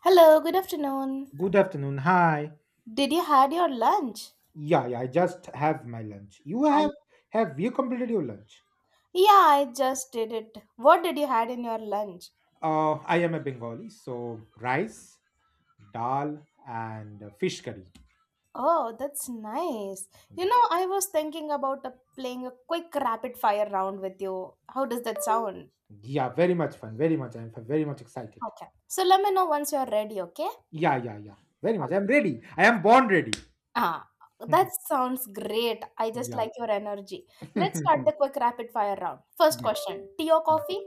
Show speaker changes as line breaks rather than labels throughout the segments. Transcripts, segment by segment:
Hello, good afternoon.
Good afternoon. Hi.
Did you had your lunch?
Yeah, yeah. I just have my lunch. You
And
have you completed your lunch?
yeah, I just did it. What did you had in your lunch?
I am a Bengali, so rice, dal, and fish curry.
Oh, that's nice. You
Yeah,
know, I was thinking about playing a quick rapid fire round with you. How does that sound?
yeah. Very much fun. Very much. I'm very much excited.
Okay. So let me know once you're ready, okay?
Yeah, yeah, yeah. Very much. I'm ready. I am born ready.
Ah, that sounds great. I just
yeah.
like your energy. Let's start
yeah.
the quick rapid fire round. First
Yeah.
question, tea or coffee?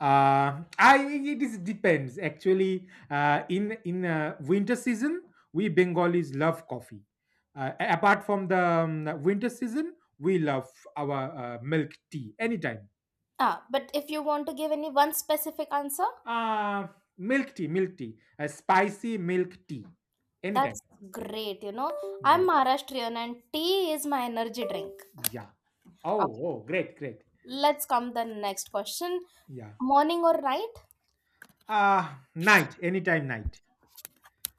I It is depends actually. In winter season, we Bengalis love coffee. Apart from the winter season, we love our milk tea anytime.
Ah, but if you want to give any one specific answer,
Uh, milk tea, a spicy milk tea anytime.
that's great. You know,
Yeah,
I'm Maharashtrian and tea is my energy drink.
yeah. Oh,
Okay,
oh, great, great.
let's come the next question.
Yeah.
Morning or night?
Night, anytime night.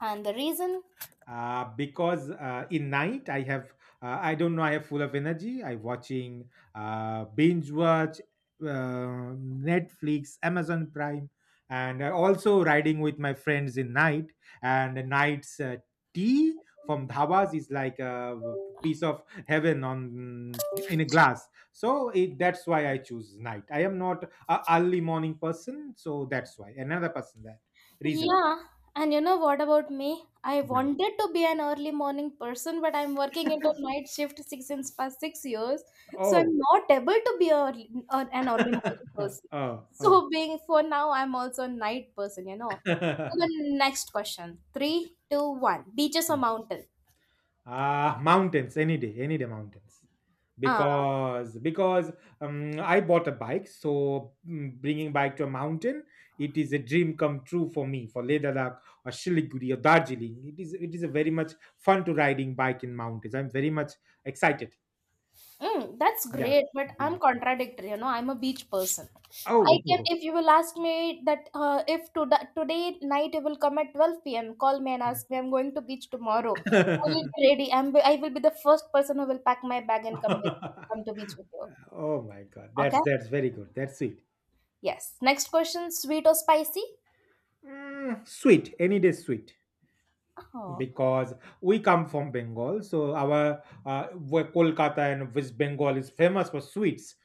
And the reason?
Because in night I don't know, I have full of energy. I watching binge watch Netflix, Amazon Prime, and also riding with my friends in night. And the night's tea from dhabas is like a piece of heaven on in a glass. So that's why I choose night. I am not a early morning person, so that's why another person that reason.
Yeah. And you know what about me? I
Yeah.
wanted to be an early morning person, but I'm working into night shift six since past 6 years, so
Oh,
I'm not able to be early, an early morning person.
Oh, oh.
So being for now, I'm also a night person. You know. So the next question: three, two, one. Beaches or mountain?
Ah, mountains any day mountains.
Ah.
Because I bought a bike, so bringing bike to a mountain, it is a dream come true for me. For Leh Ladakh or Shiliguri or Darjeeling, it is a very much fun to riding bike in mountains. I'm very much excited.
Mm, that's
Yeah,
great, but
yeah.
I'm contradictory. You know, I'm a beach person. I can,
Oh.
if you will ask me that, if to today night you will come at 12 p.m., call me and ask me, I'm going to beach tomorrow. I will be ready. I will be the first person who will pack my bag and come to beach with you.
Oh my God,
Okay?
that's very good. That's sweet.
Yes. Next question, sweet or spicy?
Mm, sweet, any day sweet.
Oh,
Because we come from Bengal, so our where Kolkata and West Bengal is famous for sweets.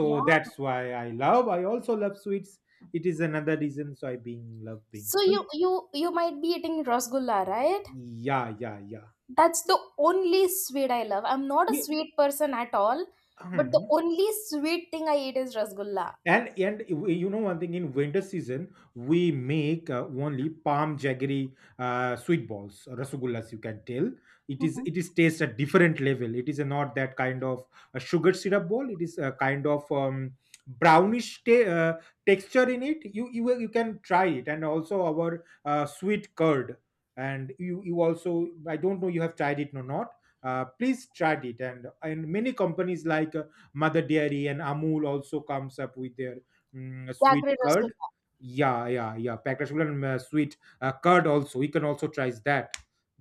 yeah.
that's why I love. I also love sweets. It is another reason, so I being love being
So
sweet.
you might be eating rasgulla, right?
Yeah, yeah, yeah.
That's the only sweet I love. I'm not a
You
sweet person at all, but the only sweet thing I eat is rasgulla.
And you know one thing, in winter season we make only palm jaggery sweet balls, rasgullas, you can tell. it is
Mm-hmm.
it is taste at different level. It is not that kind of a sugar syrup ball. It is a kind of brownish texture in it. You can try it, and also our sweet curd. And you also — I don't know, you have tried it or not. Please try it. And many companies like Mother Dairy and Amul also comes up with their sweet
Jaggery
curd.
rasgulla.
Yeah, yeah, yeah. Packed rasgulla and sweet curd also. We can also try that.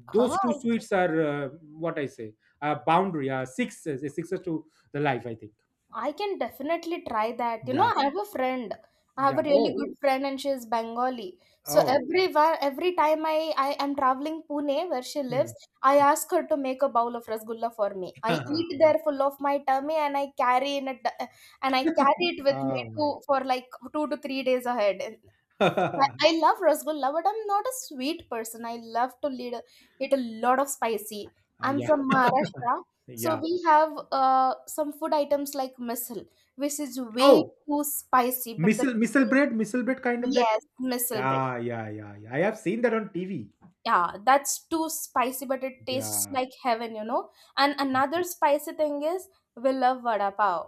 Huh,
Those two sweets are what I say. Boundary. Six. Six to the life, I think.
I can definitely try that. You know,
Yeah,
I have a friend. I have
yeah.
a really
Oh,
good friend, and she is Bengali. So
oh.
everywhere, every time I am traveling Pune, where she
Hmm.
lives, I ask her to make a bowl of rasgulla for me. I eat
Good.
there full of my tummy, and I carry in a d- and I carry it with me
Oh my
to for like 2 to 3 days ahead.
God.
I love rasgulla, but I'm not a sweet person. I love to lead, eat a lot of spicy. I'm
Yeah,
from Maharashtra, so
yeah.
we have some food items like misal, which is way
Oh,
too spicy, but the
missile bread, kind of that.
Yes, misal bread.
Yeah, yeah, yeah, yeah. I have seen that on TV.
Yeah, that's too spicy, but it tastes
Yeah,
like heaven, you know. And another spicy thing is we love vada pav.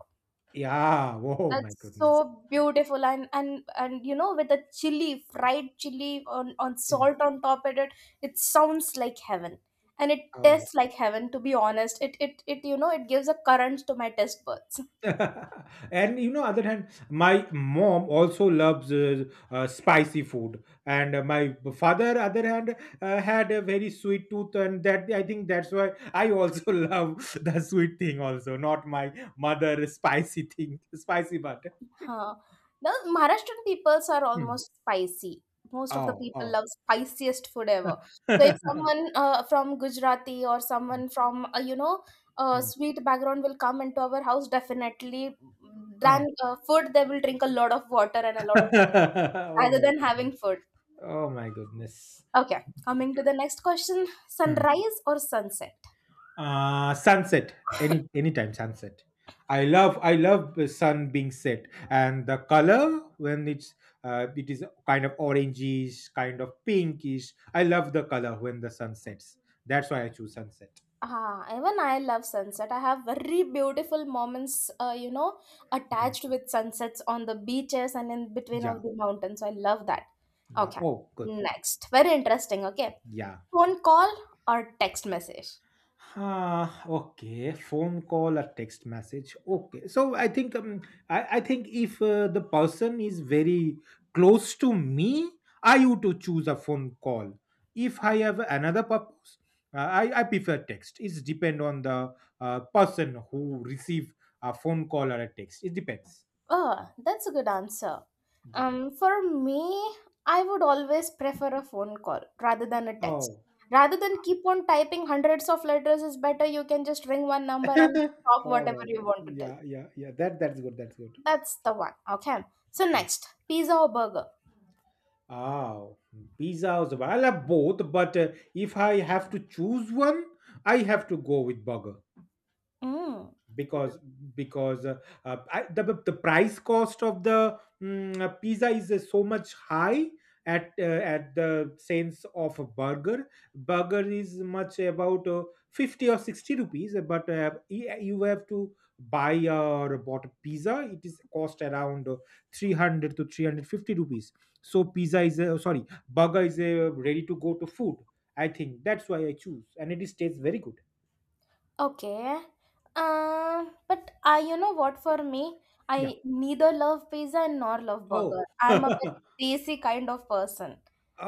yeah. Oh my
That's
goodness.
so beautiful, and you know, with the chili fried chili on
Mm.
salt on top of it, it sounds like heaven, and it
Oh.
tastes like heaven, to be honest. It You know, it gives a current to my taste buds.
And other hand, my mom also loves spicy food, and my father, other hand, had a very sweet tooth, and that I think that's why I also love the sweet thing, also not my mother spicy thing, spicy but.
Huh. Now, Maharashtrian peoples are
Mm.
almost spicy. Most of the
Oh,
people
oh.
love spiciest food ever. So if someone from Gujarati or
Mm,
someone from
mm.
sweet background will come into our house, definitely
Oh.
than food, they will drink a lot of water and a lot of jal
oh
rather
my
than having
goodness.
food.
Oh my goodness.
Okay, coming to the next question:
Hmm.
sunrise or sunset?
Sunset, anytime sunset. I love the sun being set and the color when it is kind of orangish, kind of pinkish. I love the color when the sun sets. That's why I choose sunset.
Ah, even I love sunset. I have very beautiful moments, you know,
Mm,
attached with sunsets on the beaches and in between
yeah,
of the mountains. So, I love that.
yeah.
Okay,
Oh, good, good.
next. Very interesting. Okay,
Yeah.
phone call or text message.
Ah, okay. Phone call or text message. Okay. So I think if the person is very close to me, I would to choose a phone call. If I have another purpose, I prefer text. It's depend on the person who receive a phone call or a text. It depends.
Oh, that's a good answer.
Yeah.
For me, I would always prefer a phone call rather than a text.
Oh.
Rather than keep on typing hundreds of letters, it's better you can just ring one number and talk
oh
whatever
my
you
God.
want to tell.
Yeah. Yeah. Yeah. That's good. That's good.
That's the one. Okay. So next, pizza or burger?
Oh, pizza or the I love both, but if I have to choose one, I have to go with burger.
Mm.
Because because uh, uh, I, the price cost of the pizza is so much high at the sense of a Burger is much about 50 or 60 rupees, but you have to buy or bought a pizza. It is cost around 300 to 350 rupees. So pizza is a, sorry burger is a ready to go to food. I think that's why I choose, and it is tastes very good.
Okay. But I, you know what? For me,
Yeah.
I neither love pizza nor love
Oh.
burger. I'm a very desi kind of person.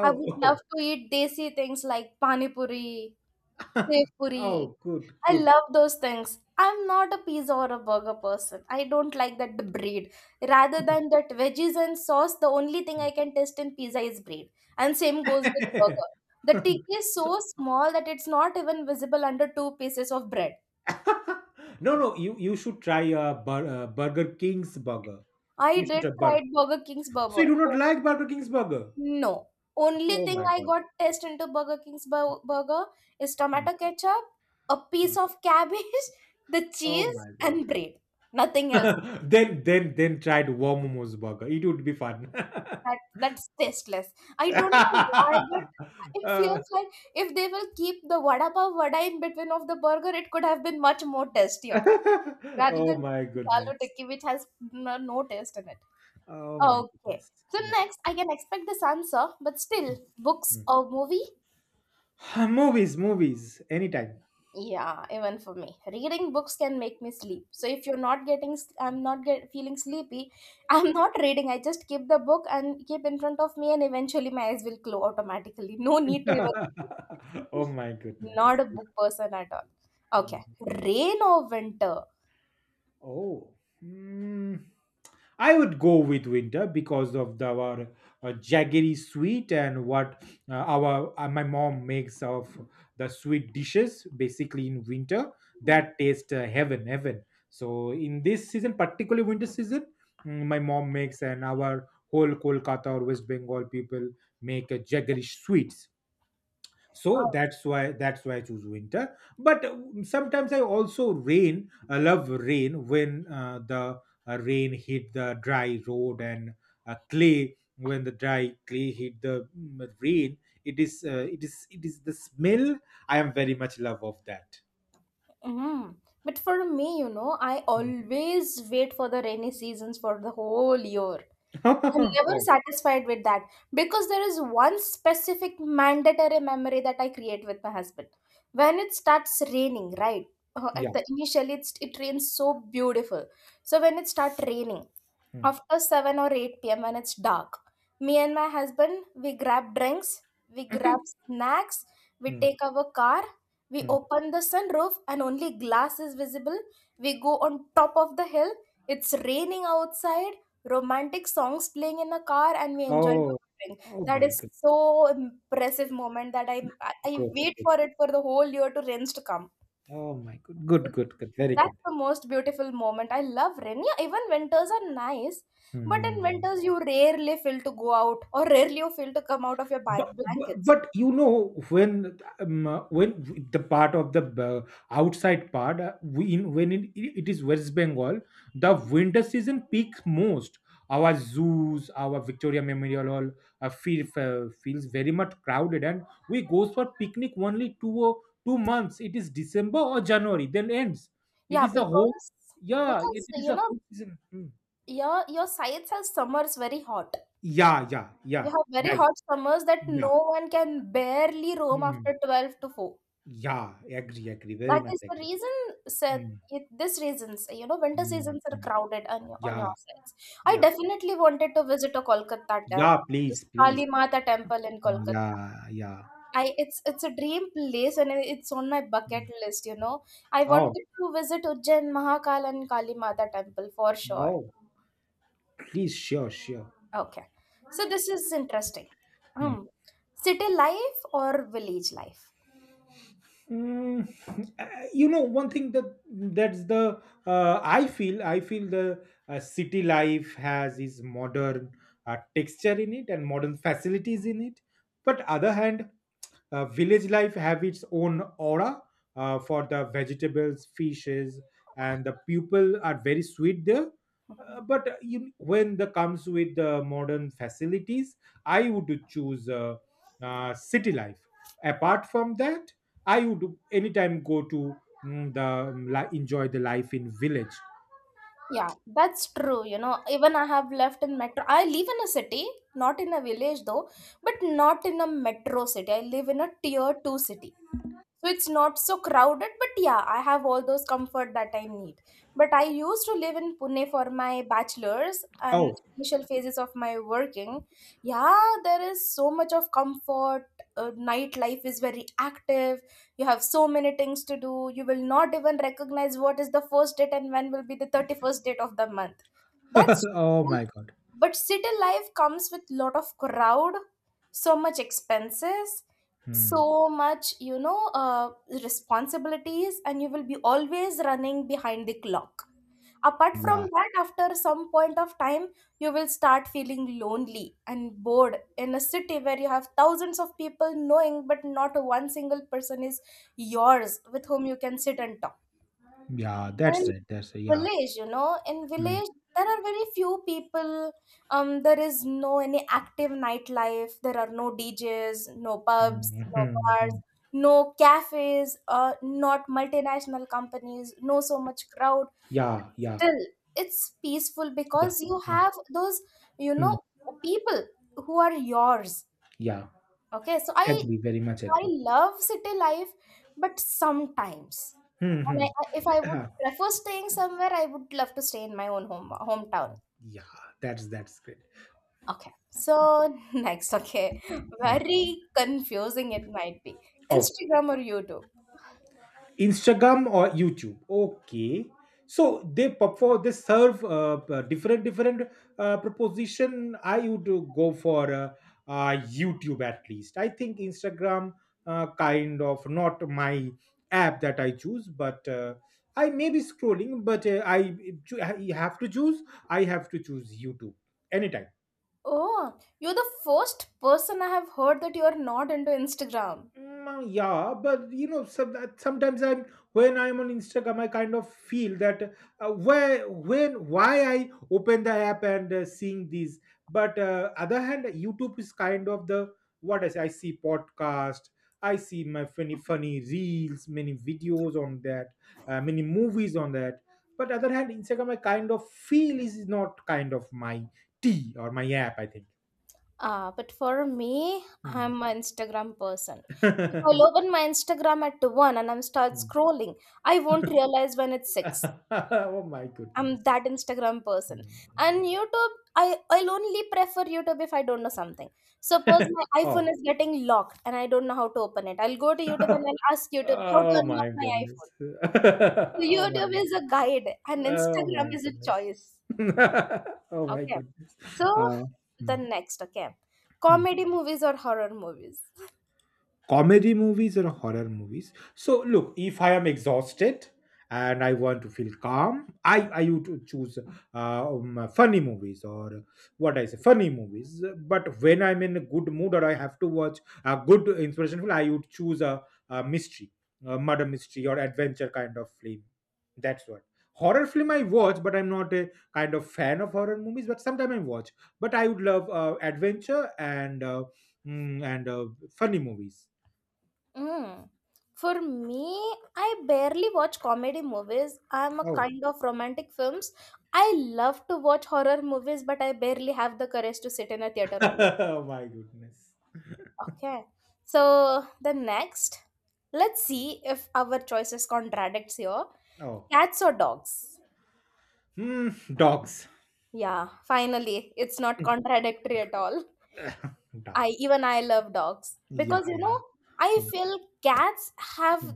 I would love
oh.
to eat desi things like pani puri, sev puri.
Oh, good,
I
good.
love those things. I'm not a pizza or a burger person. I don't like that bread. Rather than that veggies and sauce, the only thing I can taste in pizza is bread. And same goes with burger. The tick is
So
so small that it's not even visible under two pieces of bread.
no, no, you should try Burger King's burger.
I
You should
did
try burger.
try Burger King's
So you do
burger.
not
Oh,
like Burger King's burger?
no. Only
Oh
thing
my
I
god.
got taste into Burger King's burger is
Mm.
tomato ketchup, a
Mm.
piece of cabbage, the
Oh
cheese,
my god.
and bread. Nothing else.
Then tried Momo's burger. It would be fun.
That that's tasteless. I don't know why, but it
Uh,
feels like if they will keep the vada pav vada in between of the burger, it could have been much more tastier rather
oh
than
my
keeping the aloo
goodness.
tikki, which has no taste in it.
Oh my
Okay.
goodness.
So
Yeah.
next, I can expect this answer, but still,
Mm,
books
mm.
or movie?
Movies, movies, anytime.
Yeah, even for me. Reading books can make me sleep. So if you're not getting, s- I'm not get, feeling sleepy, I'm not reading. I just keep the book and keep in front of me, and eventually my eyes will close automatically. No need to even.
Oh my goodness.
Not a book person at all. Okay,
Mm.
rain or winter?
Oh, mm, I would go with winter because of our jaggery sweet and what our my mom makes of the sweet dishes basically in winter that taste heaven, heaven. So in this season, particularly winter season, my mom makes, and our whole Kolkata or West Bengal people make a jaggery sweets. so
Oh,
that's why that's why I choose winter, but sometimes I love rain when the rain hit the dry road, and clay — when the dry clay hit the rain, it is it is the smell I am very much love of that.
mm. But for me, you know, I
Mm.
always wait for the rainy seasons for the whole year. I'm never
oh
satisfied with that because there is one specific mandatory memory that I create with my husband. When it starts raining, right?
yeah.
At the initially, it rains so beautiful. So when it starts raining,
Mm,
after 7 or 8 p.m. when it's dark, me and my husband, we grab drinks, we grab snacks, we
mm,
take our car, we
mm.
open the sunroof and only glass is visible. We go on top of the hill. It's raining outside, romantic songs playing in a car, and we enjoy
Oh,
our drink.
oh
That
my
is
good,
so impressive moment that I
good,
wait
good.
for it for the whole year to rains to come.
Oh my good, good, good, good,
So
very good.
that's the most beautiful moment. I love rain. Yeah, even winters are nice, but in
Hmm.
winters you rarely feel to go out or rarely you feel to come out of your
but,
bank
but
blankets.
but you know when the part of the outside part, when it is West Bengal, the winter season peaks most. Our zoos, our Victoria Memorial Hall feels very much crowded, and we goes for picnic only two or two months. It is December or January, then ends. It
Yeah,
is the whole —
because
yeah, it is
you
the whole
know,
season. Hmm.
your sides have summers very hot.
Yeah, yeah,
You
yeah.
have very
Right.
hot summers that
Yeah.
no one can barely roam
Hmm.
after 12 to four.
Yeah, agree, agree, very
That
much
is the
agree.
reason, Seth.
Mm,
It, this reasons, you know, winter
mm,
seasons are
mm.
crowded your- on
Yeah,
your sides. I
yeah,
definitely wanted to visit a Kolkata temple,
yeah.
this
Please, please.
Kali Mata temple in Kolkata.
Yeah, yeah.
I It's a dream place and it's on my bucket
Mm.
list. You know, I
Oh,
wanted to visit Ujjain, Mahakal, and Kali Mata temple for sure.
no, please, sure, sure.
Okay, so this is interesting. Hmm. City life or village life?
Mm, you know one thing, that that's the I feel the city life has its modern texture in it and modern facilities in it. But other hand, village life have its own aura, for the vegetables, fishes, and the people are very sweet there. uh,
Mm-hmm.
but uh, you, when the comes with the modern facilities, I would choose city life. Apart from that, I would anytime go to enjoy the life in village.
Yeah, that's true. You know, even I have left in metro. I live in a city, not in a village though, but not in a metro city. I live in a tier two city, so it's not so crowded, but yeah, I have all those comfort that I need. But I used to live in Pune for my bachelor's and
Oh,
initial phases of my working. Yeah, there is so much of comfort. Nightlife is very active. You have so many things to do, you will not even recognize what is the first date and when will be the 31st date of the month. That's,
oh my God.
but city life comes with lot of crowd, so much expenses,
Hmm.
so much, you know, responsibilities, and you will be always running behind the clock. Apart from
Yeah,
that, after some point of time, you will start feeling lonely and bored in a city where you have thousands of people knowing but not one single person is yours with whom you can sit and talk.
yeah. That's
And
right. That's right. Yeah.
village, you know, in
Hmm.
village there are very few people. Um, there is no any active nightlife, there are no djs, no pubs,
Hmm.
no
Hmm. Hmm.
bars, no cafes, not multinational companies, no so much crowd.
Yeah. Yeah.
Still, it's peaceful,
Yeah.
because you
Hmm.
have those, you
Hmm.
know, people who are yours.
Yeah.
Okay, so i
Agree. Very much
I
agree.
love city life, but sometimes.
Hmm.
And
Hmm.
if I would
Yeah.
prefer staying somewhere, I would love to stay in my own home hometown.
Yeah. That's great.
Okay. So next, okay.
Yeah.
Very confusing it might be.
Oh.
Instagram or YouTube?
Instagram or YouTube. Okay, so they serve different proposition. I would go for YouTube at least. I think Instagram kind of not my app that I choose, but I may be scrolling, but I have to choose. I have to choose YouTube anytime.
Oh, you're the first person I have heard that you're not into Instagram.
Mm, yeah, but you know, sometimes I'm when I'm on Instagram, I kind of feel that where when why I open the app and seeing these. But other hand, YouTube is kind of the what I say. I see podcast. I see my funny reels, many videos on that, many movies on that. But other hand, Instagram, I kind of feel is not kind of my tea or my app, I think.
Ah, but for me,
Hmm.
I'm an Instagram person. If I open my Instagram at one and I'm start
Hmm.
scrolling, I won't realize when it's six.
oh my
I'm
goodness.
that Instagram person.
Mm,
And
no.
YouTube, I'll only prefer YouTube if I don't know something. Suppose my iPhone
Oh.
is getting locked and I don't know how to open it. I'll go to YouTube and I'll ask YouTube how to
Oh
unlock
my
my
goodness.
iPhone. So
Oh my
YouTube
god.
is a guide and
Oh
Instagram
my
is a
goodness.
choice.
Oh my
Okay.
goodness.
So
Uh,
the
mm,
next, okay.
mm.
Comedy movies or horror movies?
Comedy movies or horror movies. So look, if I am exhausted and I want to feel calm, i I would choose funny movies or what I say funny movies. But when I'm in a good mood or I have to watch a good inspiration film, I would choose a mystery, a murder mystery or adventure kind of film. That's what horror film I watch, but I'm not a kind of fan of horror movies, but sometimes I watch. But I would love adventure and mm, and uh, funny movies.
Mm. For me, I barely watch comedy movies. I'm a
Oh.
kind of romantic films. I love to watch horror movies, but I barely have the courage to sit in a theater alone.
oh my goodness.
Okay. So the next, let's see if our choices contradicts here.
Oh.
Cats or dogs?
Hmm. Dogs.
Yeah, finally, it's not contradictory at all. I
Dog.
even I love dogs
Yeah.
because
Yeah.
I
Yeah.
feel cats
Hmm.
have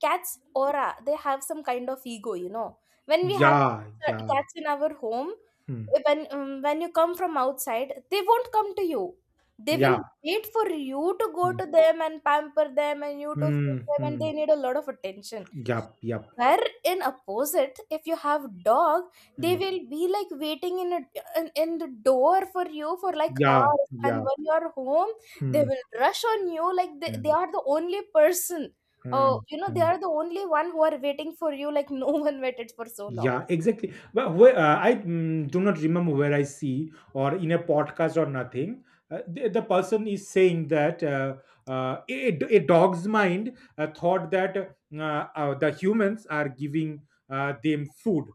cats aura. They have some kind of ego. When we have
Yeah. Yeah.
cats in our home,
Hmm.
when you come from outside, they won't come to you. They will
Yeah.
wait for you to go
Hmm.
to them and pamper them and you to
Hmm.
feed them, and
hmm.
they need a lot of attention,
Yup. Yup.
where in opposite if you have dog, they
Hmm.
will be like waiting in the door for you for like
Yeah.
hours, and
Yeah.
when you are home they
Hmm.
will rush on you like they
Hmm.
are the only person. Oh,
Hmm.
they
hmm.
are the only one who are waiting for you, like no one waited for so long.
Yeah, exactly. But where, I do not remember where I see, or in a podcast or nothing. The person is saying that a dog's mind thought that the humans are giving them food,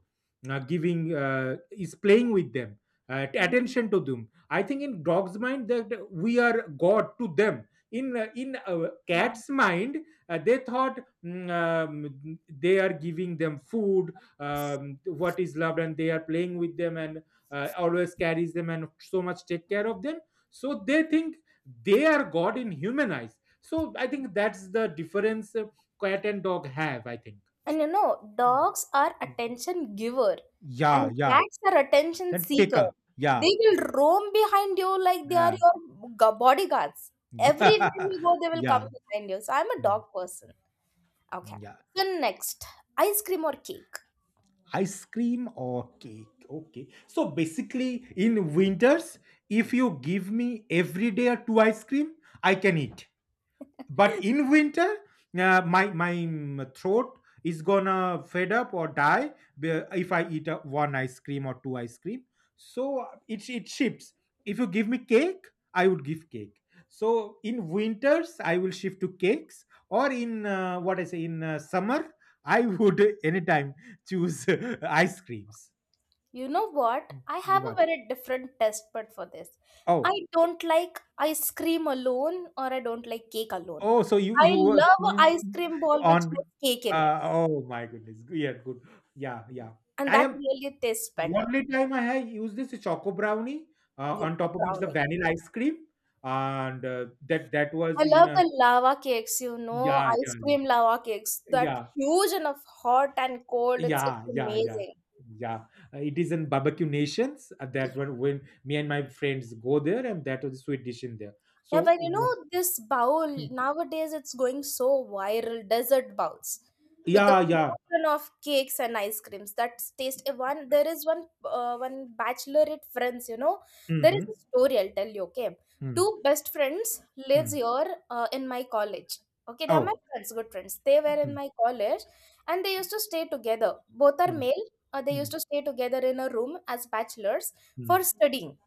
giving is playing with them,
Mhm.
attention to them. I think in dog's mind that we are God to them. In
Yeah.
cat's mind, they thought, they are giving them food, what is loved, and they are playing with them, and always carries them and so much take care of them, so they think they are god in human eyes. So I think that's the difference. Cat and dog have, I think.
And,
Mm,
dogs are
mm.
attention giver
Yeah,
and
yeah.
cats are attention
Then take
seeker.
a, yeah,
They will roam behind you like they are
uh,
your bodyguards. Everywhere
yeah,
you go, they will come
yeah,
behind you. So I'm a
mm,
dog person. Okay.
yeah.
So next, ice cream or cake?
Ice cream or cake. Okay. So basically, in winters, if you give me every day two ice cream, I can eat. But in winter, my throat is gonna fed up or die if I eat one ice cream or two ice cream, so it shifts. If you give me cake, I would give cake. So in winters I will shift to cakes, or in, what I say, in summer, I would anytime choose ice creams.
You know what? I have a
What?
very different test but for this.
Oh.
I don't like ice cream alone or I don't like cake alone.
Oh so you
I
you were,
love a ice cream ball which
on,
has cake in it,
oh my goodness, yeah, good, yeah, yeah.
and
I
that
am.
really tastes better.
Only time I have used this is choco brownie.
Yeah,
On top of it is the
brownie.
vanilla ice cream, and that was
I
in,
love the lava cakes,
yeah, yeah,
ice cream lava cakes. That
yeah,
huge and of hot and cold. It's
yeah,
it's
yeah, yeah,
amazing.
yeah. It is in barbecue nations. That one when me and my friends go there, and that was a sweet dish in there.
Yeah,
So
but
w-
this bowl
hmm.
nowadays it's going so viral, desert bowls with the
Yeah, yeah.
mountain of cakes and ice creams that taste, eh, one there is one bachelorette friends. There is
Mm-hmm.
a story, I'll tell you. Okay.
Mm,
Two best friends lives
mm.
here, in my college. Okay, they are my
Oh.
friends, good friends, they were in
Mm,
my college. And they used to stay together, both are
mm,
male. They
mm,
used to stay together in a room as bachelors for
mm.
studying.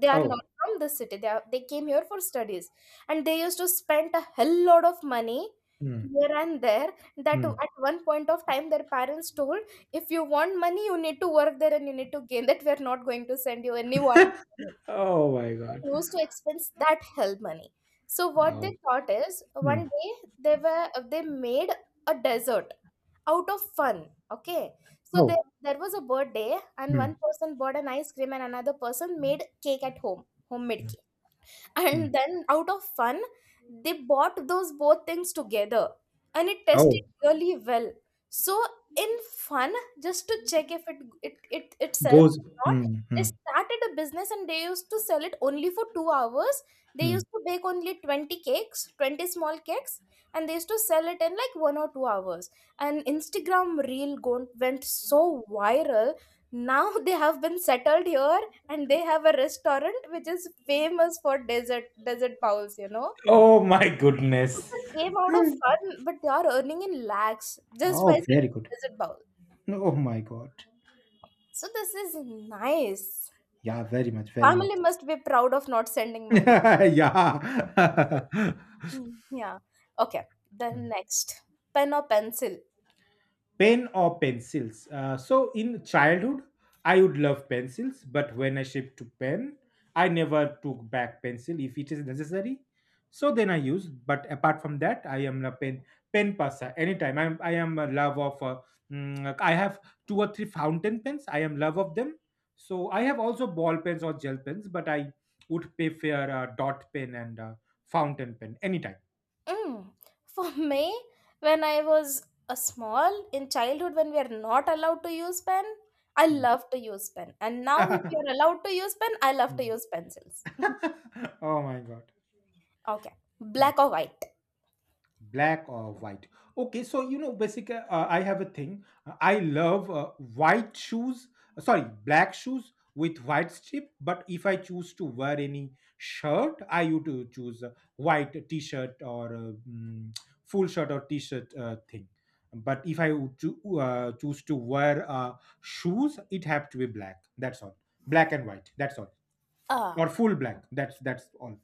They are not
Oh.
from the city, they came here for studies. And they used to spend a hell lot of money
Mm,
here and there, that
mm.
at one point of time their parents told, if you want money you need to work there and you need to gain, that we are not going to send you anyone money.
Oh my God.
They used to expense that help money. So what they
No.
thought is one
Mm.
day they made a desert out of fun. Okay. So
Oh.
there was a birthday, and
Mm,
one person bought an ice cream and another person made cake at home, homemade cake. And
mm.
then out of fun, they bought those both things together, and it tested
Oh.
really well. So in fun, just to check if it sells
Goes.
or not,
Hmm,
they
hmm,
started a business. And they used to sell it only for 2 hours. They
hmm.
used to bake only 20 cakes, 20 small cakes, and they used to sell it in like 1 or 2 hours. And Instagram reel went so viral. Now they have been settled here, and they have a restaurant which is famous for desert bowls.
Oh my
So
goodness.
this came out of fun, but they are earning in lakhs, just by
Oh, very
selling
good.
desert bowl.
No, oh my God.
So this is nice,
Yeah, very much, very much.
family must be proud of not sending money.
Yeah.
Mm, yeah. Okay, the next, pen or pencil?
Pen or pencils? So in childhood, I would love pencils, but when I shift to pen, I never took back pencil if it is necessary. So then I use. But apart from that, I am a pen passer. Anytime I am a love of. I have two or three fountain pens. I am love of them. So I have also ball pens or gel pens, but I would prefer dot pen and fountain pen anytime.
Mm. For me, when I was a small in childhood, when we are not allowed to use pen, I
Hmm.
love to use pen. And now, if we are allowed to use pen, I love to
Hmm.
use pencils.
Oh my God.
Okay.
Hmm.
Black or white?
Black or white? Okay, so you know, basically, I have a thing. I love white shoes, sorry, black shoes with white strip. But if I choose to wear any shirt, I would to choose a white t-shirt or full shirt or t-shirt, thing. But if I would choose to wear shoes, it have to be black. That's all. Black and white, that's all.
Ah,
Or full black, that's all.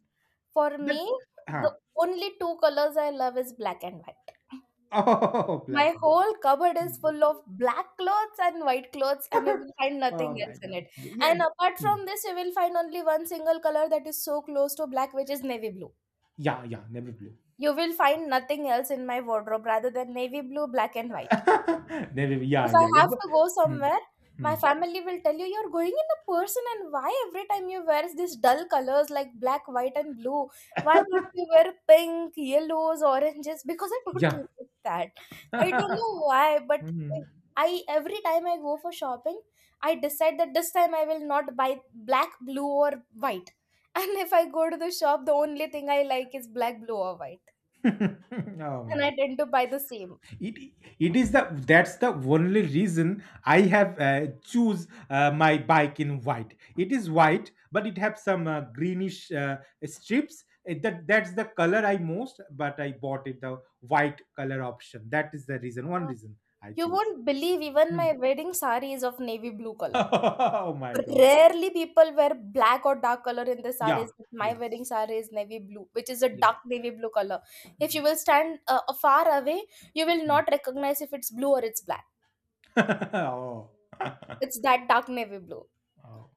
for
That,
me,
huh.
the only two colors I love is black and white.
Oh, black
My
and white.
whole cupboard is
Hmm.
full of black clothes and white clothes, and you will find
Oh
nothing
my
else in
God.
it.
Yeah.
And apart
Mm.
from this, you will find only one single color that is so close to black, which is navy blue.
Yeah, yeah, navy blue.
You will find nothing else in my wardrobe rather than navy blue, black, and white.
Never. Yeah,
If
yeah,
I
yeah.
have
But,
to go
mm,
somewhere, my
mm,
family will tell you you're going in a person, and why every time you wear these dull colors like black, white, and blue? Why don't you wear pink, yellows, oranges? Because I don't
yeah.
like that. I don't know why, but
Mm.
I every time I go for shopping, I decide that this time I will not buy black, blue, or white. And if I go to the shop, the only thing I like is black, blue, or white,
Oh
and
my.
I tend to buy the same.
It it is the That's the only reason I have choose my bike in white. It is white, but it have some greenish strips. That's the color I most, but I bought it the white color option. That is the reason. One reason I
You
choose.
won't believe, even
Hmm.
my wedding saree is of navy blue color.
Oh my God.
Rarely people wear black or dark color in the
Yeah,
sarees, but my
yeah,
wedding saree is navy blue, which is a
yeah.
dark navy blue color. If
Mm,
you will stand, far away, you will
mm.
not recognize if it's blue or it's black.
Oh.
It's that dark navy blue.
Oh.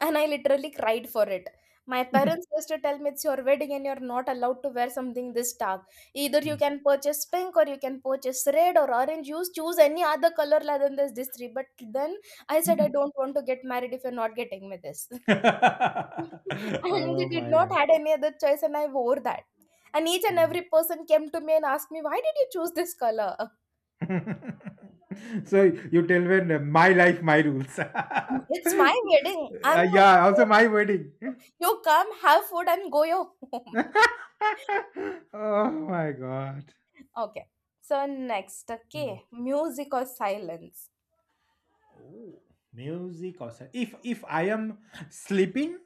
And I literally cried for it. My parents used to tell me it's your wedding and you're not allowed to wear something this dark. Either you
Mm.
can purchase pink or you can purchase red or orange. You choose any other color other than this, three. But then I said, I don't want to get married if you're not getting me this. And they
Oh
did
my
not
God.
had any other choice, and I wore that. And each and
Mm.
every person came to me and asked me, why did you choose this color?
So you tell, when my life, my rules.
It's my wedding, I'm gonna
Yeah, also
wear
my
it.
wedding.
You come, have food and go your home.
Oh my God.
Okay. So next,
Mm.
okay, music or silence?
Oh, music or if I am sleeping,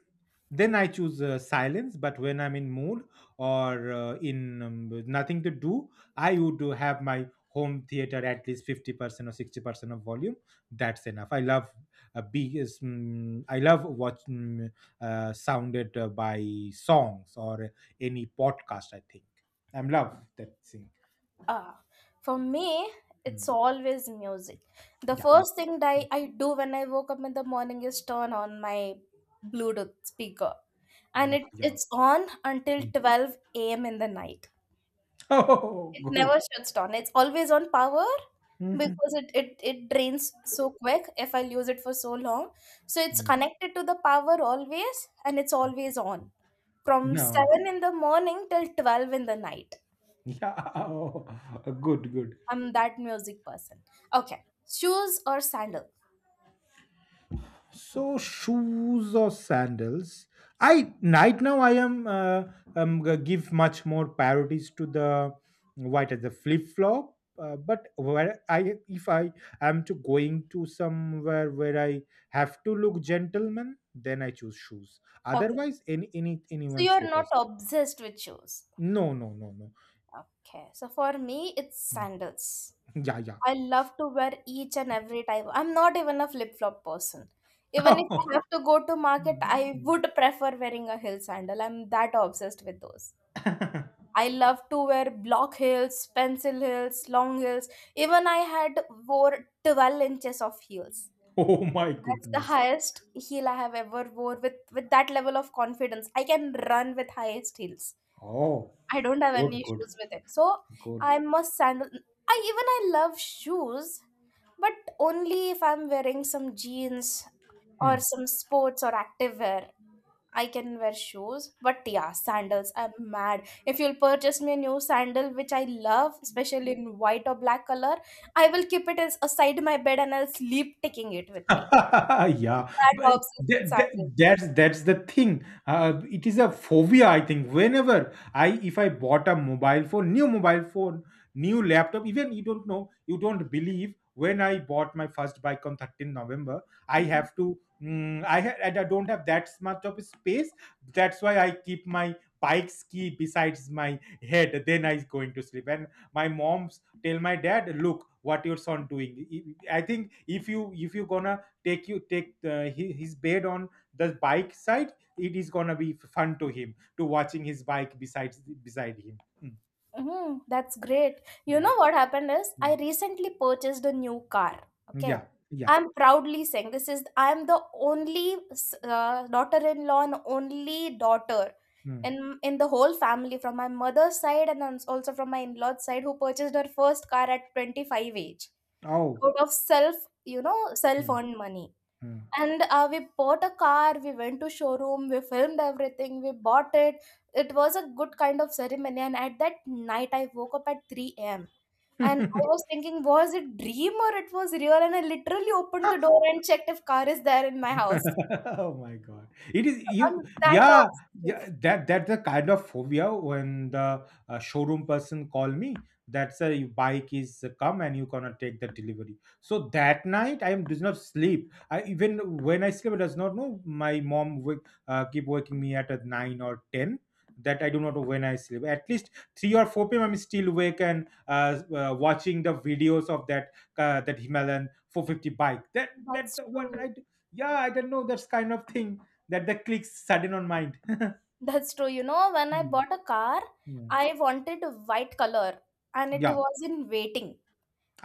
then I choose silence. But when I'm in mood or in, with nothing to do, I would do have my home theater at least 50% or 60% of volume. That's enough. I love big. Is, I love what, sounded by songs or any podcast. I think I'm love that thing.
Ah, for me, it's
Mm.
always music. The
Yeah, yeah.
first thing that
Hmm.
I do when I woke up in the morning is turn on my Bluetooth speaker, and
Yeah.
it
Yeah.
it's on until
Mm.
12 a.m. in the night.
Oh,
It
good.
never shuts down. It's always on power
Mhm.
because it drains so quick if I'll use it for so long. So it's connected to the power always, and it's always on. From
No.
7 in the morning till 12 in the night.
Yeah. Oh, good, good.
I'm that music person. Okay. Shoes or sandal?
So shoes or sandals? I Right now I am, give much more priorities to the, what is the flip flop. But where I, if I am to going to somewhere where I have to look gentleman, then I choose shoes.
Okay.
Otherwise,
So
anyone
you're not
slippers.
obsessed with shoes.
No, no, no, no.
Okay. So for me it's
Mm.
sandals.
Yeah, yeah.
I love to wear each and every type. I'm not even a flip flop person. Even if I have to go to market, I would prefer wearing a heel sandal. I'm that obsessed with those. I love to wear block heels, pencil heels, long heels. Even I had wore 12 inches of heels.
Oh my
That's the
goodness.
highest heel I have ever wore with that level of confidence. I can run with highest heels.
Oh,
I don't have any
good, good,
issues with it. So
good.
I must sandal. I love shoes, but only if I'm wearing some jeans
Hmm.
or some sports or activewear. I can wear shoes, but yeah, sandals. I'm mad. If you'll purchase me a new sandal, which I love, especially in white or black color, I will keep it as aside my bed and I'll sleep taking it with me.
Yeah,
That
but
helps with
that, that,
sandals.
that's that's the thing. It is a phobia, I think. If I bought a mobile phone, new laptop, even you don't know, you don't believe. When I bought my first bike on 13 November, I have to. And I don't have that much of space. That's why I keep my bike's key besides my head. Then I going to sleep. And my mom's tell my dad, look what your son doing. I think if you gonna take you take his bed on the bike side, it is gonna be fun to him to watching his bike besides beside him. Mm,
Mm, that's great. You
yeah,
know what happened is
mm,
I recently purchased a new car.
yeah,
Okay.
yeah,
I'm proudly saying this is I'm the only daughter-in-law and only daughter
mm.
in the whole family from my mother's side, and then also from my in-laws side, who purchased her first car at 25 age
Oh,
out of self,
mm,
self-earned money. And we bought a car, we went to showroom, we filmed everything, we bought it. It was a good kind of ceremony. And at that night, I woke up at 3 a.m. And I
mm.
was thinking, was it dream or it was real? And I literally opened the door and checked if car is there in my house.
Oh my God, it is you.
I'm that
Yeah,
obsessed
yeah,
with.
that's the kind of phobia, when the showroom person call me that's a bike is come and you gonna take the delivery, so that night I am does not sleep. I, even when I sleep, I does not know. My mom will keep waking me at a 9 or 10. That I do not know when I sleep. At least 3 or 4 p.m. I'm still awake and watching the videos of that, Himalayan 450 bike, that that
That's
what
true.
I, yeah, I don't know, that's kind of thing, that the clicks sudden on mind.
That's true. You know, when I
Hmm,
bought a car,
hmm.
I wanted a white color, and it
Yeah.
was in waiting.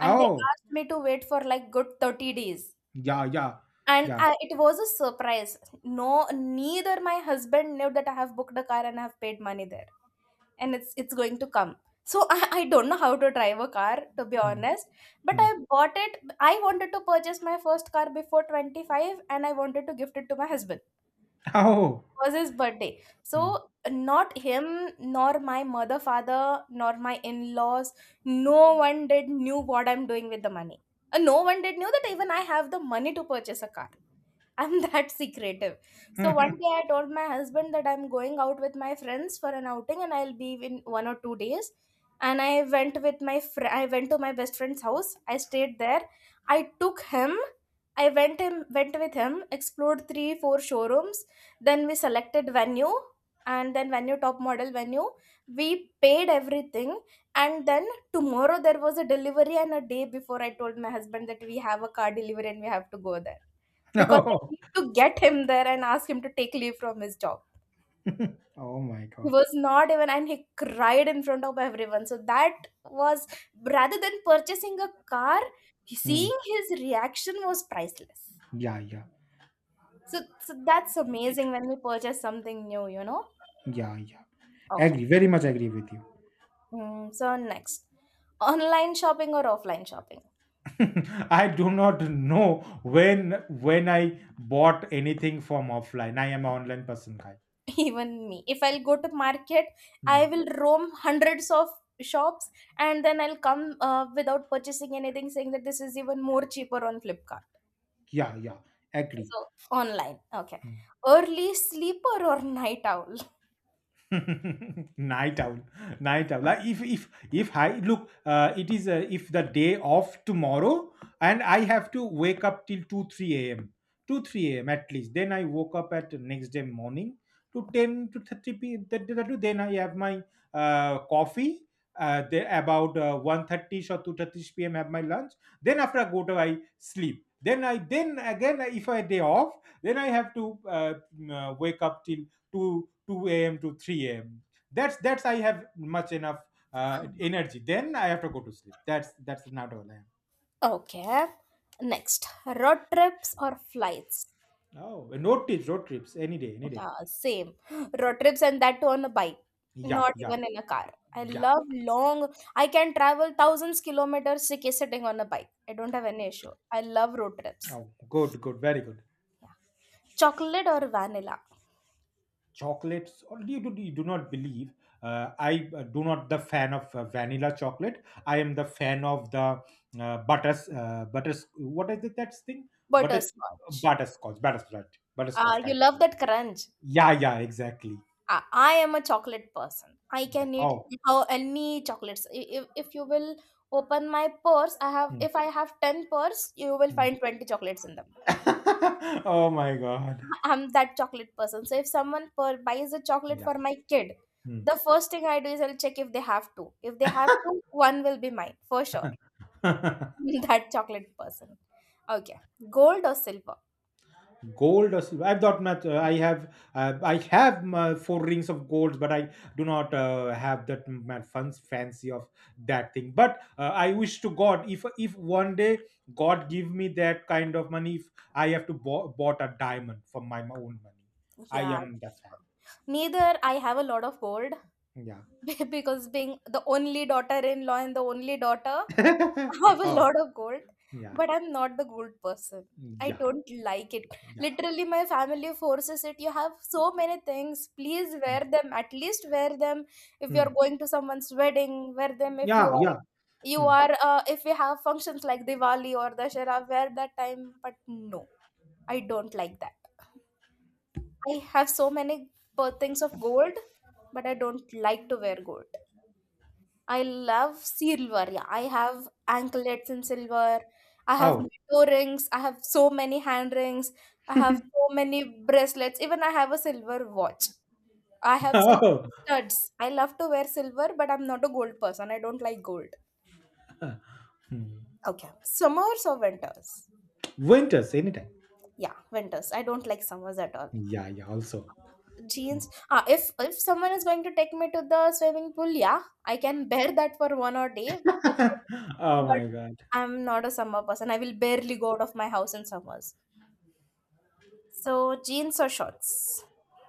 And they asked me to wait for like good 30 days.
yeah, yeah,
And
yeah.
I, it was a surprise. No, neither my husband knew that I have booked a car and I have paid money there, and it's going to come. So I don't know how to drive a car to be
Hmm,
honest, but
hmm.
I bought it. I wanted to purchase my first car before 25, and I wanted to gift it to my husband.
Oh.
It was his birthday.
Hmm.
So not him, nor my mother, father, nor my in-laws, no one did knew what I'm doing with the money. No one did knew that even I have the money to purchase a car. I'm that secretive. So one day I told my husband that I'm going out with my friends for an outing and I'll be in one or two days. And I went to my best friend's house. I stayed there. I took him. I went with him, explored three, four showrooms. Then we selected venue, and then venue top model venue. We paid everything. And then tomorrow there was a delivery, and a day before I told my husband that we have a car delivery and we have to go there because I
Oh.
need to get him there and ask him to take leave from his job.
Oh my
He
God.
was not even, and he cried in front of everyone. So that was, rather than purchasing a car,
Hmm.
seeing his reaction was priceless.
Yeah, yeah.
So that's
It-
amazing when we purchase something new,
yeah, yeah,
Okay.
agree, very much agree with you.
So next, online shopping or offline shopping?
I do not know. when when I bought anything from offline, I am an online person, guy.
Even me, if I'll go to market, I
Hmm.
will roam hundreds of shops, and then I'll come without purchasing anything, saying that this is even more cheaper on Flipkart.
Yeah, yeah, agree.
So online, okay.
Hmm.
Early sleeper or night owl?
Night owl. Like, if I look, it is, if the day off tomorrow and I have to wake up till 2 3 a.m., 2 3 a.m. at least, then I woke up at next day morning to 10 to 30 p.m. Then I have my coffee, there about 1:30 or 2:30 p.m., have my lunch. Then after I go to, I sleep. Then I, then again, if I day off, then I have to wake up till to 2 a.m. to 3 a.m. That's I have much enough energy. Then I have to go to sleep. That's not all I am.
Okay, next, road trips or flights?
Oh, road trips, any day, any day.
Yeah, same. Road trips, and that too on a bike,
Yeah,
not
yeah,
even in a car. I
yeah.
love long, I can travel thousands kilometers sitting on a bike. I don't have any issue. I love road trips.
Oh, good, good, very good.
Chocolate or vanilla?
Chocolates. Or, you do not believe. I, do not the fan of vanilla chocolate. I am the fan of the, butters, butters. What is it? That's thing. butter,
Butterscotch.
Butterscotch, butterscotch, butterscotch
You
kind
love
of.
that crunch.
Yeah, yeah, exactly.
I am a chocolate person. I
Yeah.
can eat
Oh.
how any chocolates. If you will open my purse, I have,
Hmm.
if I have ten purse, you will
Hmm.
find 20 chocolates in them.
Oh my God.
I'm that chocolate person. So if someone buys a chocolate
Yeah.
for my kid,
Hmm.
the first thing I do is I'll check if they have two. If they have two, one will be mine for sure. That chocolate person. Okay, gold or silver?
Gold or silver? I've not much. I have. I have my four rings of gold, but I do not have that my funds fancy of that thing. But I wish to God, if one day God give me that kind of money, if I have to bought a diamond from my own money, I
Yeah,
am the
that's
fan.
true. Neither I have a lot of gold,
Yeah.
because being the only daughter-in-law and the only daughter, I have a
Oh,
lot of gold,
yeah,
but I'm not the gold person. I
yeah,
don't like it.
yeah.
Literally, my family forces it. You have so many things. Please
Hmm.
wear them. At least wear them if you're
Hmm.
going to someone's wedding. Wear them if you
Yeah,
are,
yeah.
you
Hmm.
are if we have functions like Diwali or Dashera. Wear that time, but no, I don't like that. I have so many things of gold, but I don't like to wear gold. I love silver. Yeah, I have anklets in silver. I have
Oh.
toe rings. I have so many hand rings. I have so many bracelets. Even I have a silver watch. I have silver
Oh.
studs. I love to wear silver, but I'm not a gold person. I don't like gold.
Hmm.
Okay, summers or winters?
Winters, anytime.
Yeah, winters. I don't like summers at all.
Yeah, yeah, also. Hmm.
Jeans. Ah, if someone is going to take me to the swimming pool, yeah, I can bear that for one or day.
Oh
But
my God.
I'm not a summer person. I will barely go out of my house in summers. So jeans or shorts?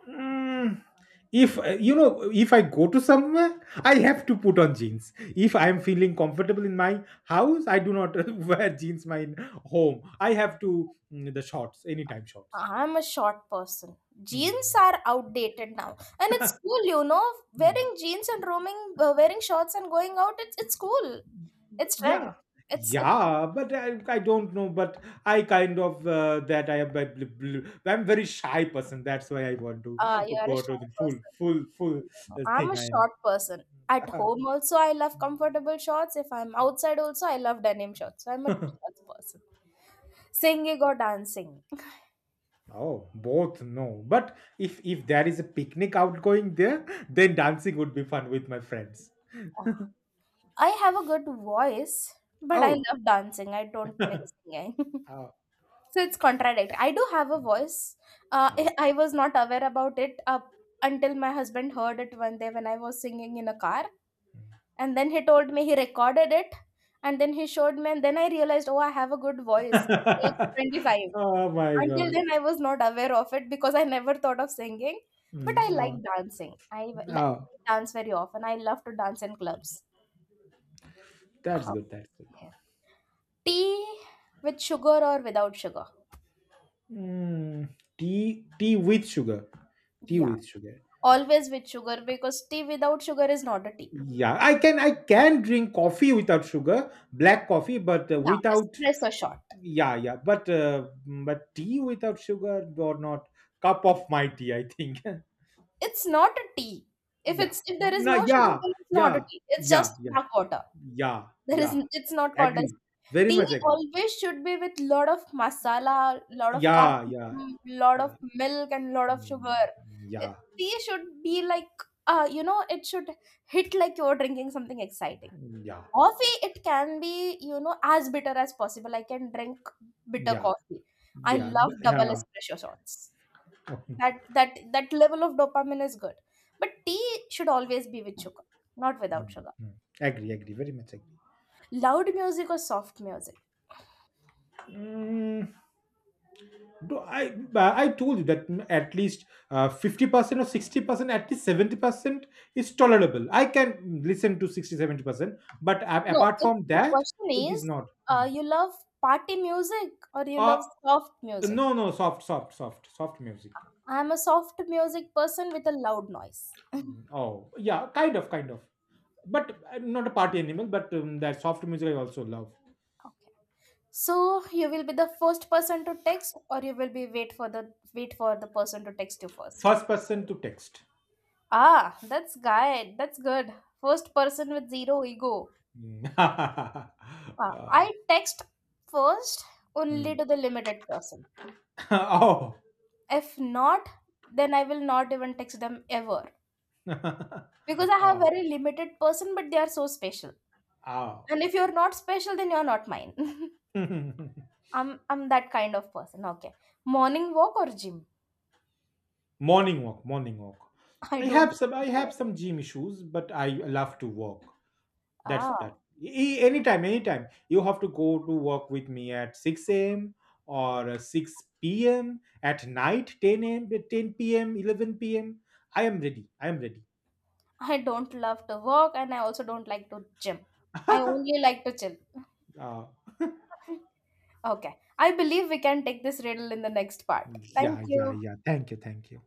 Mm. If you know, if I go to somewhere, I have to put on jeans. If I am feeling comfortable in my house, I do not wear jeans. My home, I have to, the shorts anytime shorts.
I'm a short person.
Hmm.
Jeans are outdated now, and it's cool, you know.
Hmm.
Wearing jeans and roaming, wearing shorts and going out, it's cool. It's trend.
Yeah,
It's it's.
yeah, but I don't know, but I kind of, that I am I'm very shy person. That's why I want to
You're a
go to
shy
the
person.
full
I'm
thing,
a
I.
short person. At home also I love comfortable shorts. If I'm outside also I love denim shorts. So I'm a shorts person. Singing or dancing.
Oh, both. No, but if there is a picnic outgoing there, then dancing would be fun with my friends.
Oh, I have a good voice, but I
Oh.
love dancing. I don't like singing.
Oh.
So it's contradictory. I do have a voice. I
Oh.
I was not aware about it up until my husband heard it one day when I was singing in a car. And then he told me he recorded it, and then he showed me, and then I realized, oh, I have a good voice. Age of 25.
Oh my
Until
God.
then, I was not aware of it because I never thought of singing, but I
Mm.
like
Oh.
dancing. Like
Oh,
dance very often. I love to dance in clubs.
that's good, that's good.
Okay. Tea with sugar or without sugar?
mm, tea with sugar, tea
Yeah,
with sugar.
always with sugar, because tea without sugar is not a tea.
Yeah. I can drink coffee without sugar, black coffee, but
Yeah,
without.
espresso shot.
Yeah, yeah, but tea without sugar or not cup of my tea, I think.
It's not a tea. If
Yeah.
it's, if there is
No,
no sugar,
yeah,
then it's not a
yeah,
tea. It's
yeah,
just
yeah,
dark water.
yeah,
There is,
yeah,
it's not called
agree,
as,
very
tea
much agree,
always should be with lot of masala, lot of
yeah, yeah,
cardamom, lot of
yeah.
milk, and lot of sugar.
Mm,
It,
yeah,
tea should be like, you know, it should hit like you're drinking something exciting.
yeah,
Coffee, it can be, you know, as bitter as possible. I can drink bitter
yeah,
coffee. I
yeah,
love double
yeah.
espresso shots.
Okay.
That level of dopamine is good. But tea should always be with sugar, not without
Mm,
sugar.
mm. Agree, very much agree.
Loud music or soft music?
Mm. No, I but I told you that, at least 50% or 60%, at least 70% is tolerable. I can listen to 60-70%, but
No,
apart
it's,
from
the
that, it
question
is
is,
not. Mm.
you love party music or you
Uh
love soft music?
no, no, soft, soft, soft, soft music.
I'm a soft music person with a loud noise.
Mm. Oh, yeah, kind of, but I'm not a party animal. But that soft music I also love.
Okay. So you will be the first person to text, or you will be wait for the person to text you first.
First person to text.
Ah, that's guy. That's good. First person with zero ego.
Mm.
Ah,
Uh,
I text first only
mm.
to the limited person.
Oh.
If not, then I will not even text them ever, because I have very limited person, but they are so special.
Oh,
And if you're not special, then you're not mine.
oh.
I'm that kind of person. Okay. Morning walk or gym?
Morning walk, morning walk.
I don't like
I
either.
have some gym issues, but I love to walk. That's that.
Ah,
Anytime, anytime. You have to go to work with me at 6 a.m. or 6 p.m. at night, 10 a.m., 10 p.m., 11 p.m. I am ready. I am ready.
I don't love to walk, and I also don't like to gym. I
uh,
only like to chill. Okay. I believe we can take this riddle in the next part.
yeah,
Thank
yeah,
you.
yeah. Thank you, thank you.